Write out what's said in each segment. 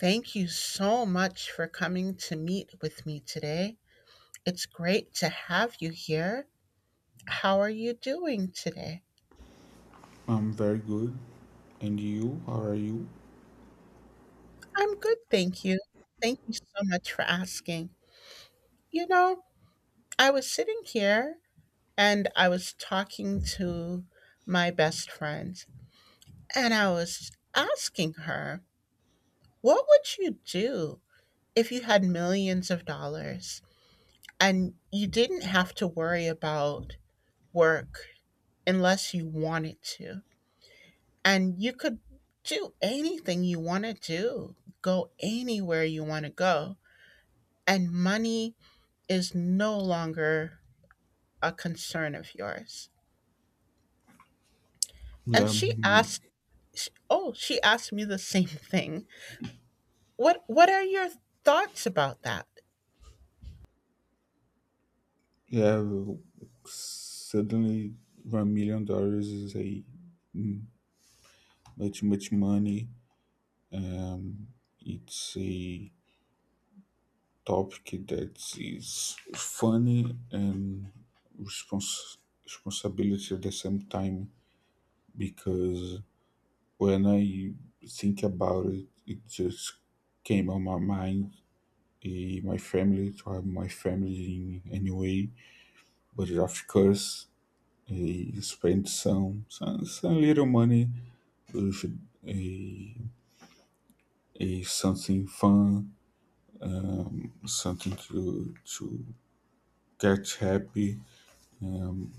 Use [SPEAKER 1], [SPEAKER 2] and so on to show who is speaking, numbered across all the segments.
[SPEAKER 1] Thank you so much for coming to meet with me today. It's great to have you here. How are you doing today?
[SPEAKER 2] I'm very good. And you? How are you?
[SPEAKER 1] I'm good, thank you. Thank you so much for asking. You know, I was sitting here and I was talking to my best friend, and I was asking her, what would you do if you had millions of dollars and you didn't have to worry about work unless you wanted to? And you could do anything you want to do, go anywhere you want to go, and money is no longer a concern of yours. And
[SPEAKER 2] Yeah,
[SPEAKER 1] she
[SPEAKER 2] mm,
[SPEAKER 1] asked, oh, she asked me the same thing. What are your thoughts about that?
[SPEAKER 2] yeah. Well, suddenly, $1 million is a mm, much money. Um, it's a topic that is funny and respons- responsibility at the same time because when I think about it, it just came on my mind. My family, to have my family in any way. But of course, he spent some little money with a, a something fun, something to get happy. Um,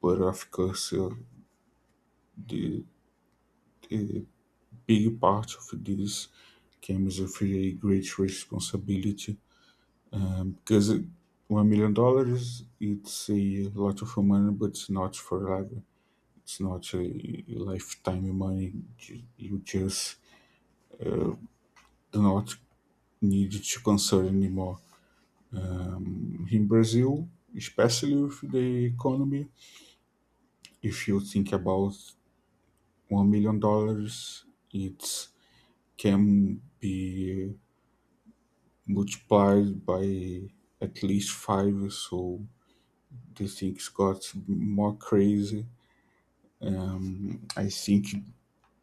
[SPEAKER 2] but of course, the, the big part of this comes with a great responsibility, because $1 million it's a lot of money, but it's not forever. It's not a lifetime money. You just do not need to concern anymore. In Brazil, especially with the economy, if you think about $1 million, it can be multiplied by at least five. So the things got more crazy. I think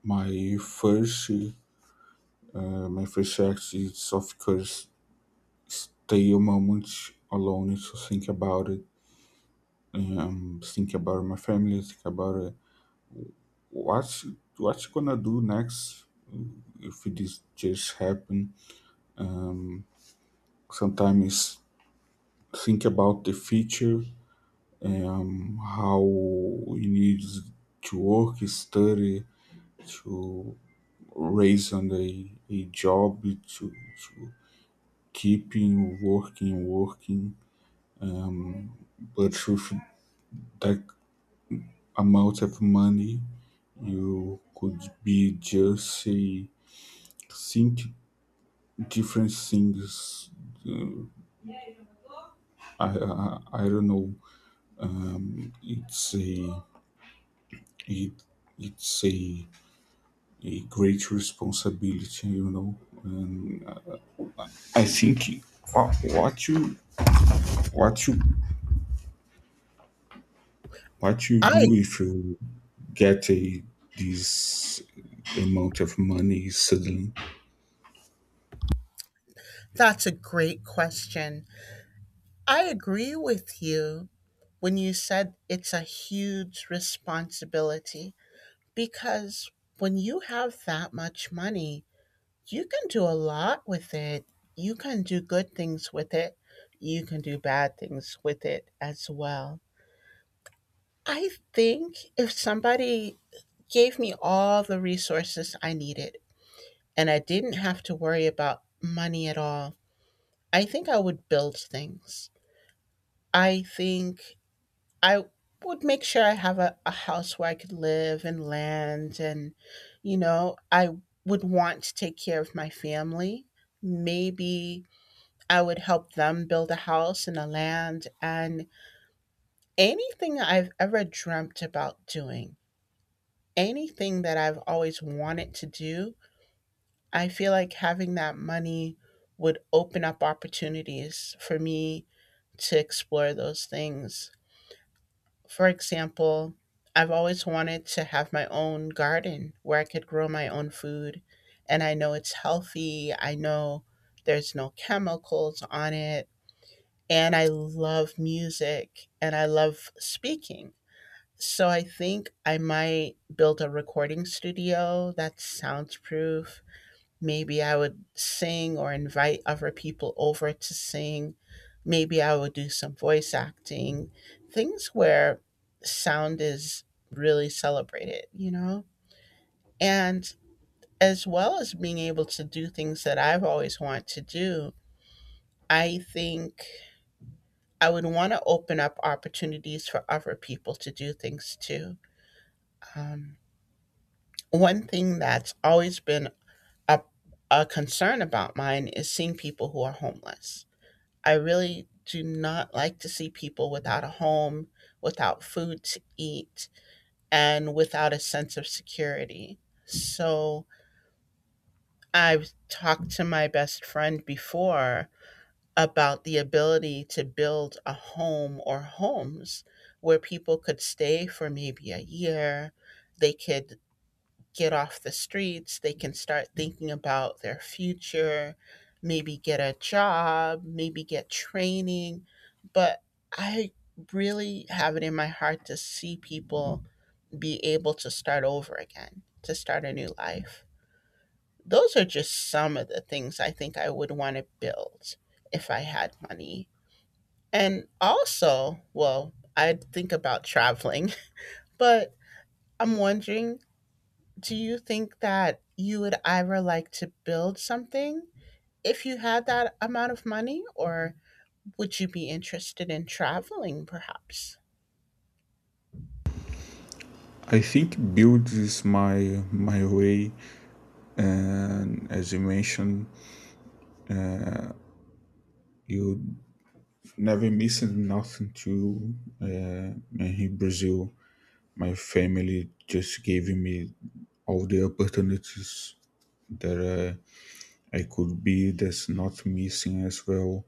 [SPEAKER 2] my first, my first act is, of course, stay a moment alone to think about it, think about my family, think about what's what's gonna do next if this just happen. Um, sometimes think about the future, how you need to work, study, to raise on a job, to keeping working. Um, but with that amount of money, you could be just a think different things. Uh, I don't know. Um, it's a it, it's a great responsibility. And I think wha- what you what you what you
[SPEAKER 1] I
[SPEAKER 2] do if you get a this amount of money suddenly.
[SPEAKER 1] that's a great question. I agree with you when you said it's a huge responsibility, because when you have that much money, you can do a lot with it. You can do good things with it. You can do bad things with it as well. I think if somebody gave me all the resources I needed and I didn't have to worry about money at all, I think I would build things. I think I would make sure I have a house where I could live and land. And, I would want to take care of my family. Maybe I would help them build a house and a land and anything I've ever dreamt about doing, anything that I've always wanted to do. I feel like having that money would open up opportunities for me to explore those things. For example, I've always wanted to have my own garden where I could grow my own food. And I know it's healthy. I know there's no chemicals on it. And I love music and I love speaking. So I think I might build a recording studio that's soundproof. Maybe I would sing or invite other people over to sing. Maybe I would do some voice acting, things where sound is really celebrated, you know? And as well as being able to do things that I've always wanted to do, I think I would want to open up opportunities for other people to do things too. Um, One thing that's always been a, a concern about mine is seeing people who are homeless. I really do not like to see people without a home, without food to eat, and without a sense of security. So I've talked to my best friend before about the ability to build a home or homes where people could stay for maybe a year. They could get off the streets. They can start thinking about their future, maybe get a job, maybe get training. But I really have it in my heart to see people be able to start over again, to start a new life. Those are just some of the things I think I would want to build if I had money. And also, well, I think about traveling, but I'm wondering, do you think that you would ever like to build something if you had that amount of money, or would you be interested in traveling perhaps?
[SPEAKER 2] I think build is my way, and as you mentioned, you never missing nothing too. In Brazil, my family just gave me all the opportunities that I could be. That's not missing as well.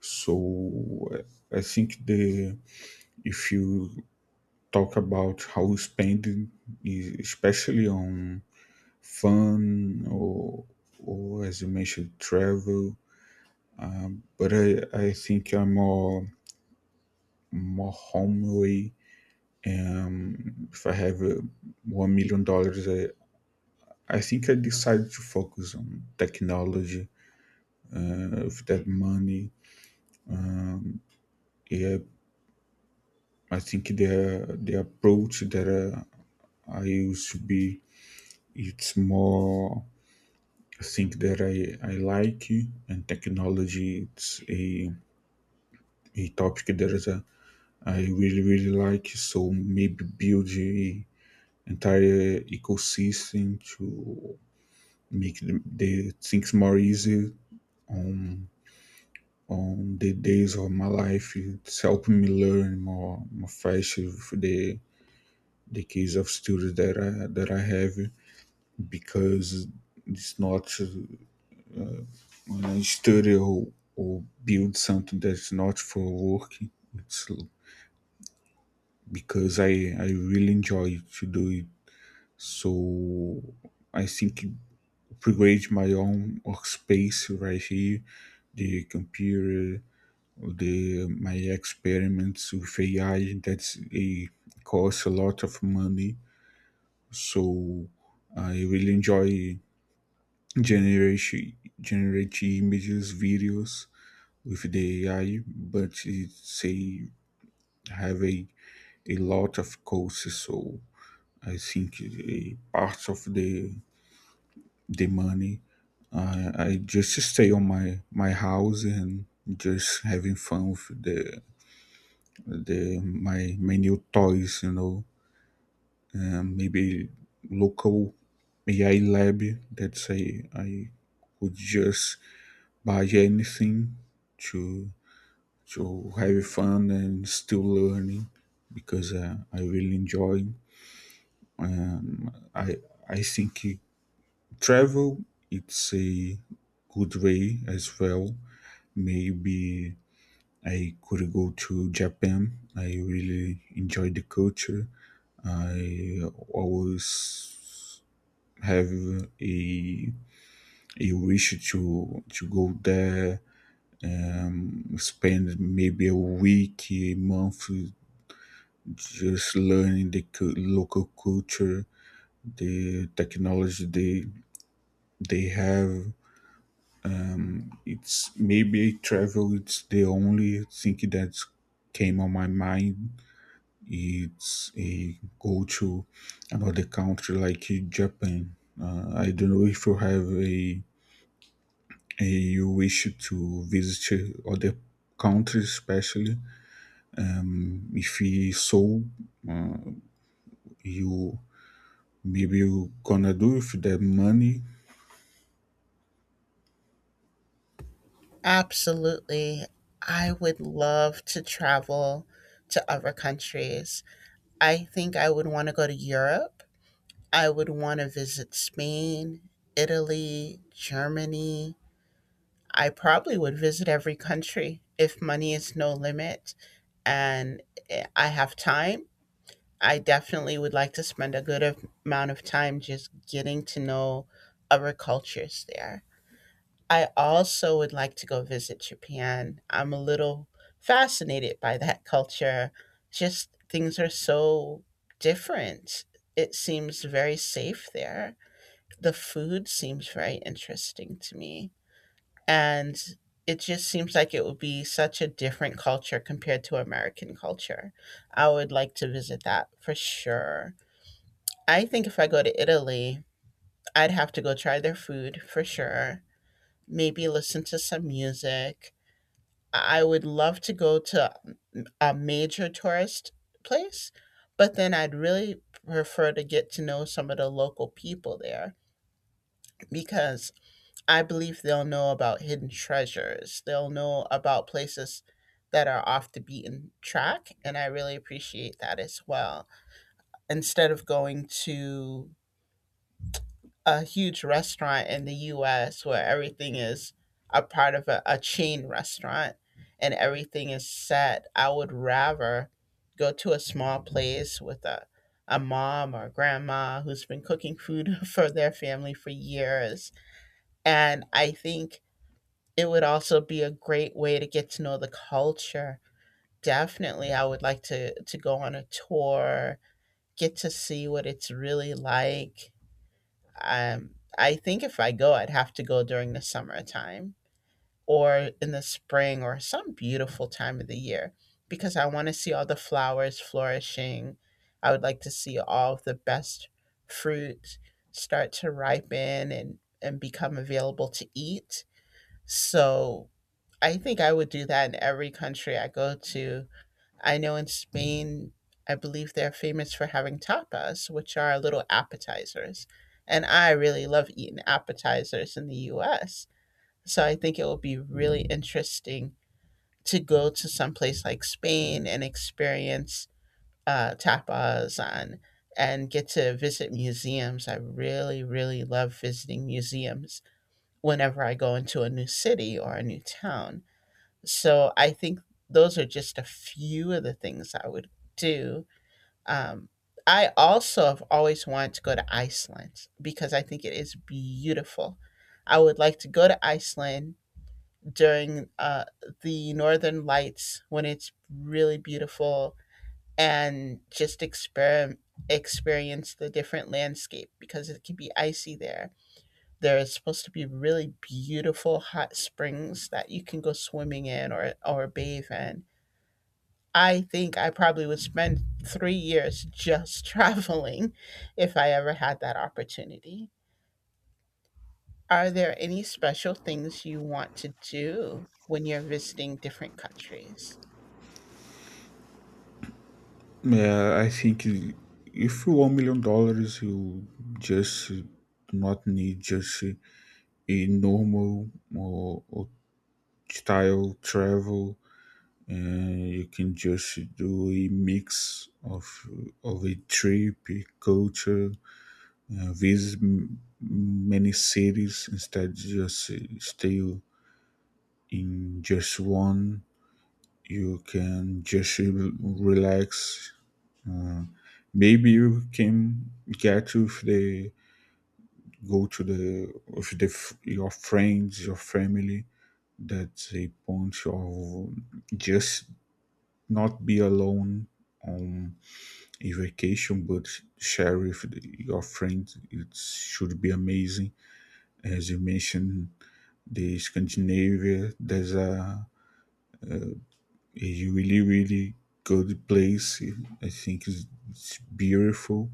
[SPEAKER 2] So I think the, if you talk about how spending, especially on fun or as you mentioned travel, but I think I'm more home way. If I have $1 million, I think I decided to focus on technology with that money. Yeah, I think the approach that I used to be, it's more, I think that I like, and technology it's a topic that is I really like, so maybe build a entire ecosystem to make the things more easy on on the days of my life. It's helping me learn more fast with the case of students that I have because it's not when I study or build something that's not for work. It's l- because I really enjoy to do it. So I think upgrade my own workspace right here, the computer, the my experiments with AI, that's it costs a lot of money. So I really enjoy generation generating images, videos with the AI, but it's a have a lot of costs. So I think a part of the money, I just stay on my house and just having fun with the my my new toys, maybe local AI lab, that say I could just buy anything to to have fun and still learning because I really enjoy. Um, I I think travel, it's a good way as well. Maybe I could go to Japan. I really enjoy the culture. I always have a a wish to go there, spend maybe a week, a month, just learning the local culture, the technology they have. It's maybe travel. It's the only thing that came on my mind. It's a go to another country like Japan. I don't know if you have a you wish to visit other countries, especially if you- so, you maybe you gonna do with the money.
[SPEAKER 1] Absolutely. I would love to travel to other countries. I think I would want to go to Europe. I would want to visit Spain, Italy, Germany. I probably would visit every country if money is no limit and I have time. I definitely would like to spend a good amount of time just getting to know other cultures there. I also would like to go visit Japan. I'm a little fascinated by that culture. Just things are so different. It seems very safe there. The food seems very interesting to me, and it just seems like it would be such a different culture compared to American culture. I would like to visit that for sure. I think if I go to Italy, I'd have to go try their food for sure, maybe listen to some music. I would love to go to a major tourist place, but then I'd really prefer to get to know some of the local people there, because I believe they'll know about hidden treasures. They'll know about places that are off the beaten track. And I really appreciate that as well. Instead of going to a huge restaurant in the US where everything is a part of a chain restaurant and everything is set, I would rather go to a small place with a mom or grandma who's been cooking food for their family for years. And I think it would also be a great way to get to know the culture. Definitely, I would like to go on a tour, get to see what it's really like. Um, I think if I go, I'd have to go during the summertime or in the spring or some beautiful time of the year, because I want to see all the flowers flourishing. I would like to see all of the best fruit start to ripen and become available to eat. So I think I would do that in every country I go to. I know in Spain, I believe they're famous for having tapas, which are little appetizers. And I really love eating appetizers in the US. So I think it will be really interesting to go to some place like Spain and experience tapas on and get to visit museums. I really, really love visiting museums whenever I go into a new city or a new town. So I think those are just a few of the things I would do. Um, I also have always wanted to go to Iceland because I think it is beautiful. I would like to go to Iceland during the northern lights when it's really beautiful, and just experience the different landscape because it can be icy there. There is supposed to be really beautiful hot springs that you can go swimming in, or bathe in. I think I probably would spend 3 years just traveling if I ever had that opportunity. Are there any special things you want to do when you're visiting different countries?
[SPEAKER 2] Yeah, I think if you $1 million, you just not need just a normal or style travel. And you can just do a mix of of a trip, a culture, visit many cities instead just stay in just one. You can just relax, uh, maybe you can get, if they go to the, if your friends, your family, that's a point of just not be alone on a vacation, but share with your friends. It should be amazing. As you mentioned, the Scandinavia, there's a really, really good place. I think it's beautiful.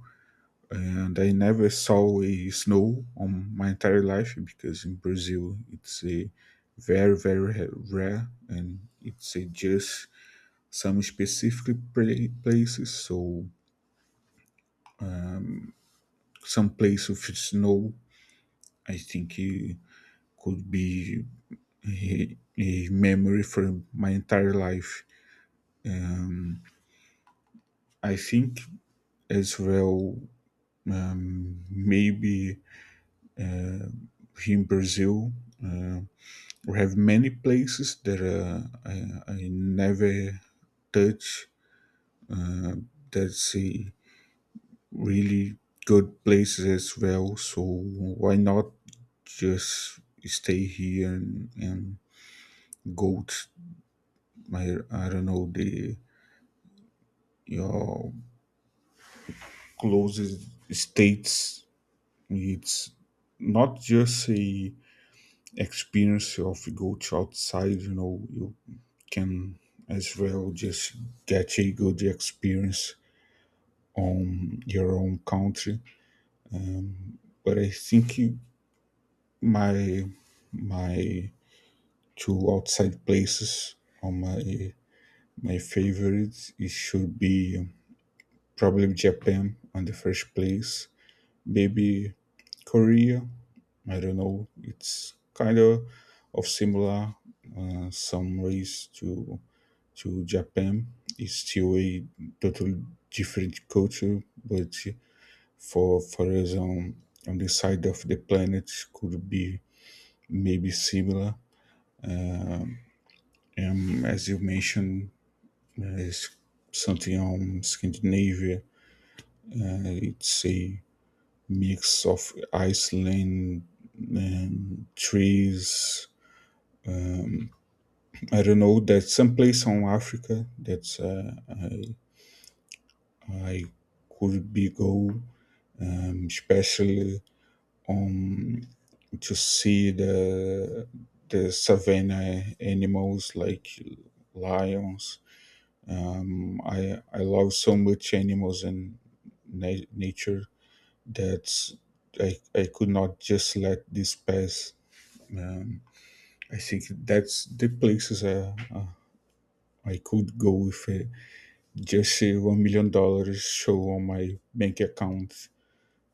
[SPEAKER 2] And I never saw a snow on my entire life because in Brazil it's a very, very rare, and it's a just some specific places. So some place with snow, I think it could be a memory from my entire life. Um, I think, as well, maybe uh, here in Brazil. Uh, we have many places that I, I never touch. That's a really good places as well. So why not just stay here and go to my I don't know the your closest states. It's not just a experience of go to outside, you can, as well, just get a good experience on your own country, um, but I think my my two outside places are my favorites. It should be probably Japan on the first place, maybe Korea. I don't know, it's kind of similar, some ways to Japan. Is still a totally different culture, but for us on the side of the planet could be maybe similar. As you mentioned, is something on Scandinavia. It's a mix of Iceland and trees. I don't know. There's some place on Africa that uh, I, I could be go, especially um to see the savannah animals like lions. I love so much animals and nature, that I could not just let this pass. um I think that's the places, I could go if just $1 million show on my bank account.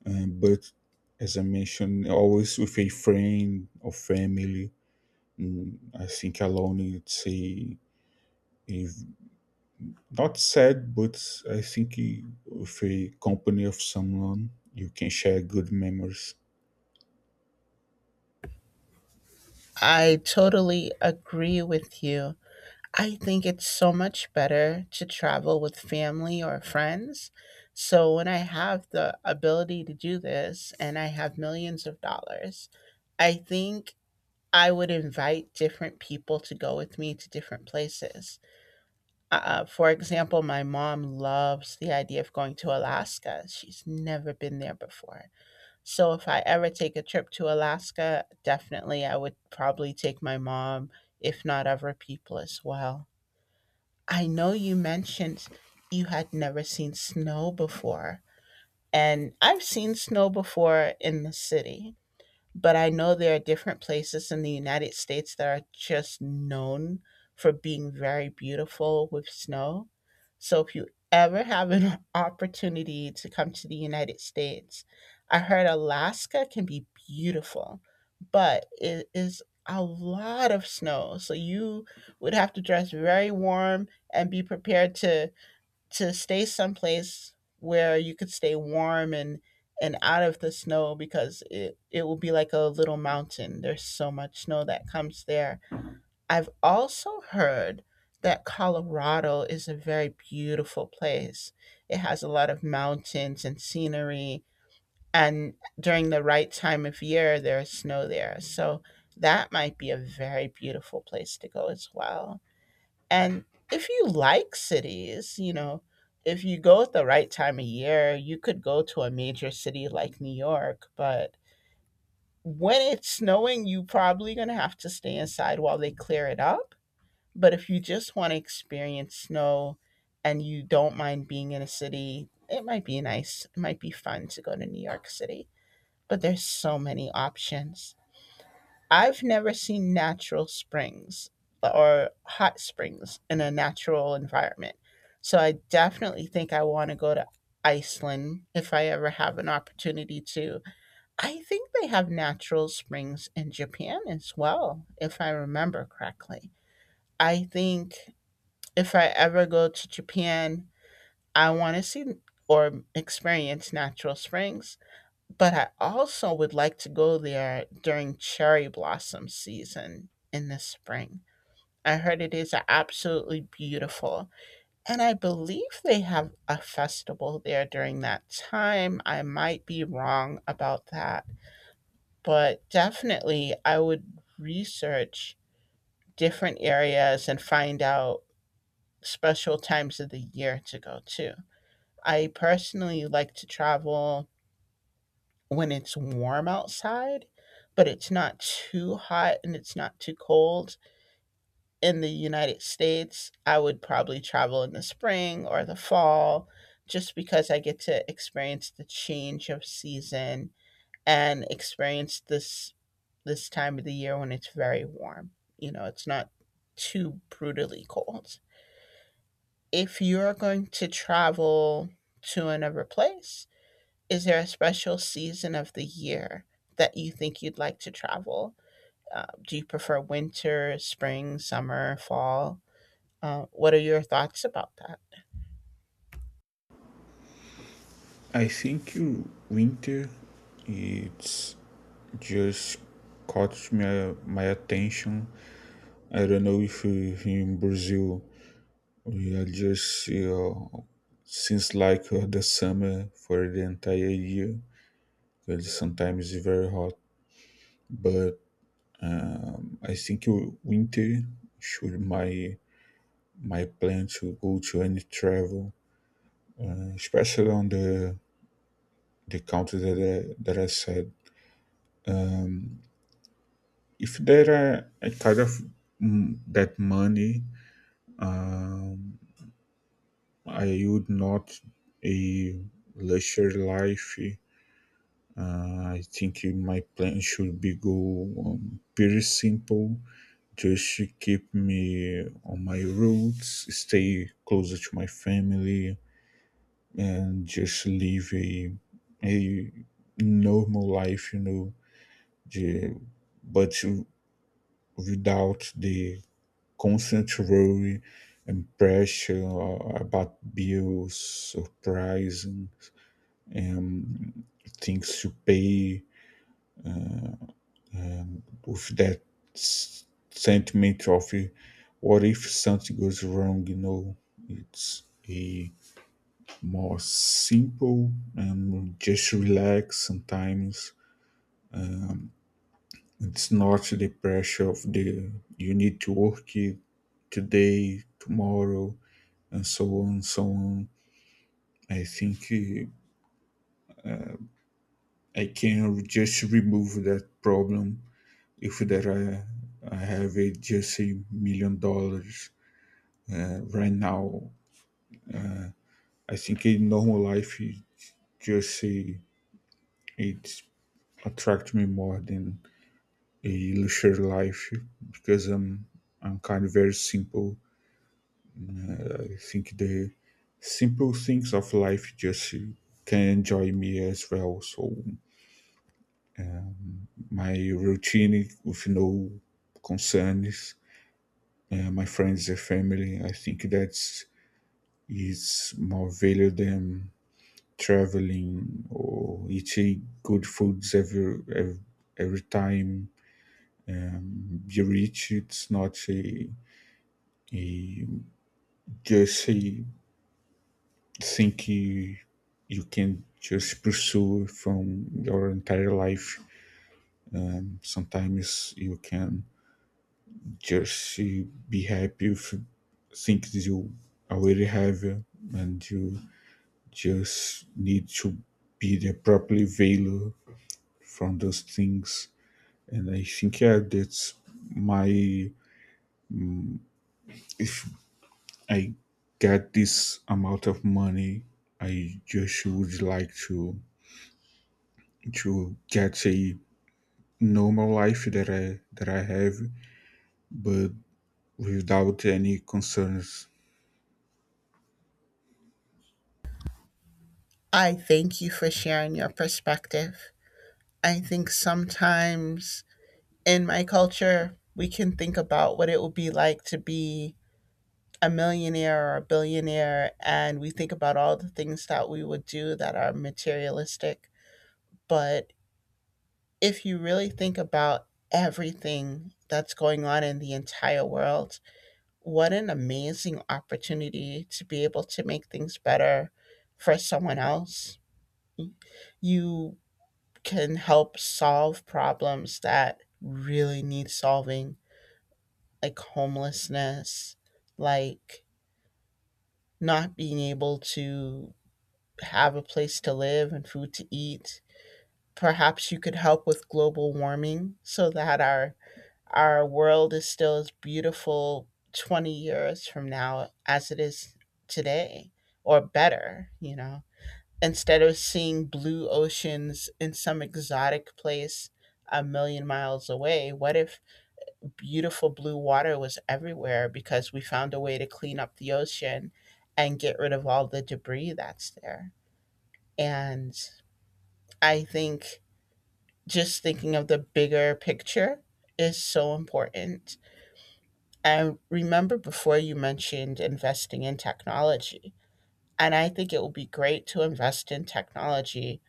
[SPEAKER 2] But as I mentioned, always with a friend or family. I think alone it's a- not sad, but I think with a company of someone you can share good memories.
[SPEAKER 1] I totally agree with you. I think it's so much better to travel with family or friends. So, when I have the ability to do this and I have millions of dollars, I think I would invite different people to go with me to different places. For example, my mom loves the idea of going to Alaska. She's never been there before. So if I ever take a trip to Alaska, definitely I would probably take my mom, if not other people as well. I know you mentioned you had never seen snow before, and I've seen snow before in the city, but I know there are different places in the United States that are just known for being very beautiful with snow. So if you ever have an opportunity to come to the United States, I heard Alaska can be beautiful, but it is a lot of snow. So you would have to dress very warm and be prepared to stay someplace where you could stay warm, and out of the snow, because it will be like a little mountain. There's so much snow that comes there. I've also heard that Colorado is a very beautiful place. It has a lot of mountains and scenery, and during the right time of year there's snow there. So that might be a very beautiful place to go as well. And if you like cities, if you go at the right time of year, you could go to a major city like New York. But when it's snowing, you probably going to have to stay inside while they clear it up. But if you just want to experience snow and you don't mind being in a city, it might be nice. It might be fun to go to New York City. But there's so many options. I've never seen natural springs or hot springs in a natural environment. So I definitely think I want to go to Iceland if I ever have an opportunity to. I think they have natural springs in Japan as well, if I remember correctly. I think if I ever go to Japan, I want to see or experience natural springs. But I also would like to go there during cherry blossom season in the spring. I heard it is absolutely beautiful. And I believe they have a festival there during that time. I might be wrong about that, but definitely I would research different areas and find out special times of the year to go to. I personally like to travel when it's warm outside, but it's not too hot and it's not too cold. In the United States, I would probably travel in the spring or the fall, just because I get to experience the change of season and experience this time of the year when it's very warm. You know, it's not too brutally cold. If you're going to travel to another place, is there a special season of the year that you think you'd like to travel? Do you prefer winter, spring, summer, fall? What are your thoughts about that?
[SPEAKER 2] I think winter it's just caught my attention. I don't know, if in Brazil we are just you since like the summer for the entire year because sometimes it's very hot, but I think winter should my plan to go to any travel, especially on the country that I said. Um, if there are a kind of that money, um, I would not a leisure life. I think my plan should be go, pretty simple. Just to keep me on my roots, stay closer to my family, and just live a normal life, the, but without the constant worry and pressure, about bills, surprising, and things to pay, and with that s- sentiment of what if something goes wrong, it's a more simple and just relax sometimes. It's not the pressure of the you need to work it today, tomorrow, and so on, so on. I think I can just remove that problem if there are, I have just $1 million right now. I think in normal life, it just it attracts me more than a luxury life because I'm kind of very simple. I think the simple things of life just can enjoy me as well. So my routine with no concerns, my friends and family. I think that's is more value than traveling or eating good foods every time. Be rich. It's not a, a just a think you can just pursue from your entire life. Sometimes you can just be happy with things you already have, and you just need to be the properly value from those things. And I think, yeah, that's my if I get this amount of money, I just would like to get a normal life that I have, but without any concerns.
[SPEAKER 1] I thank you for sharing your perspective. I think sometimes, in my culture, we can think about what it would be like to be a millionaire or a billionaire, and we think about all the things that we would do that are materialistic. But if you really think about everything that's going on in the entire world, what an amazing opportunity to be able to make things better for someone else. You can help solve problems that really need solving, like homelessness, like not being able to have a place to live and food to eat. Perhaps you could help with global warming, so that our world is still as beautiful 20 years from now as it is today, or better, you know. Instead of seeing blue oceans in some exotic place a million miles away, what if beautiful blue water was everywhere because we found a way to clean up the ocean and get rid of all the debris that's there? And I think just thinking of the bigger picture is so important. I remember before you mentioned investing in technology. And I think it will be great to invest in technology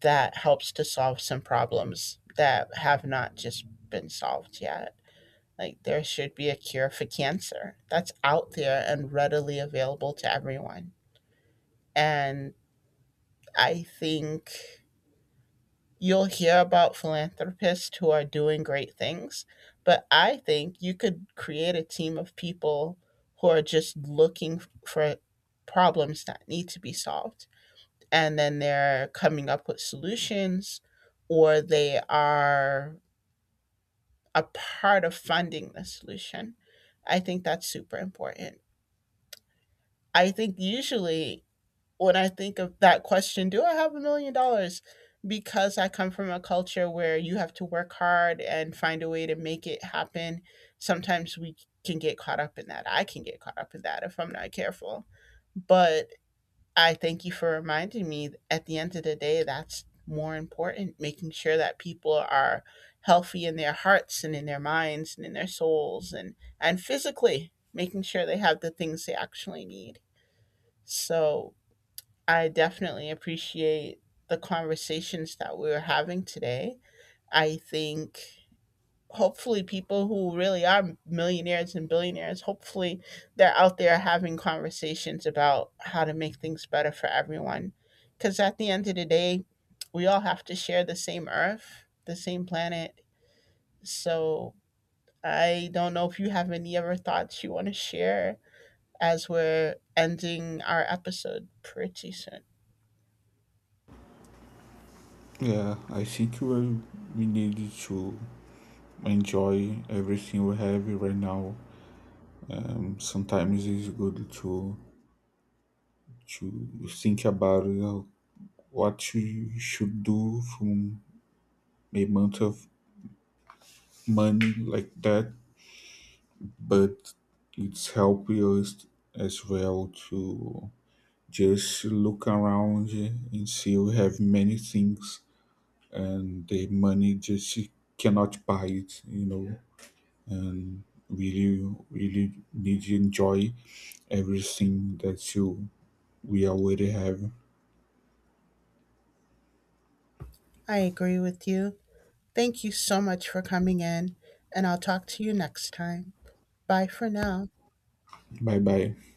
[SPEAKER 1] that helps to solve some problems that have not just been solved yet. Like, there should be a cure for cancer that's out there and readily available to everyone. And I think you'll hear about philanthropists who are doing great things, but I think you could create a team of people who are just looking for problems that need to be solved. And then they're coming up with solutions, or they are a part of funding the solution. I think that's super important. I think usually when I think of that question, do I have $1 million? Because I come from a culture where you have to work hard and find a way to make it happen. Sometimes we can get caught up in that. I can get caught up in that if I'm not careful. But I thank you for reminding me, at the end of the day, that's more important, making sure that people are healthy in their hearts and in their minds and in their souls, and physically making sure they have the things they actually need. So I definitely appreciate the conversations that we are having today. I think hopefully people who really are millionaires and billionaires, hopefully they're out there having conversations about how to make things better for everyone. Because at the end of the day, we all have to share the same earth, the same planet. So I don't know if you have any other thoughts you want to share as we're ending our episode pretty soon.
[SPEAKER 2] Yeah, I think we need to enjoy everything we have right now. Sometimes it's good to think about what you should do from a month of money like that, but it's helping us as well to just look around and see we have many things, and the money just she cannot buy it, and really, really need to enjoy everything that you we already have.
[SPEAKER 1] I agree with you. Thank you so much for coming in, and I'll talk to you next time. Bye for now.
[SPEAKER 2] Bye bye.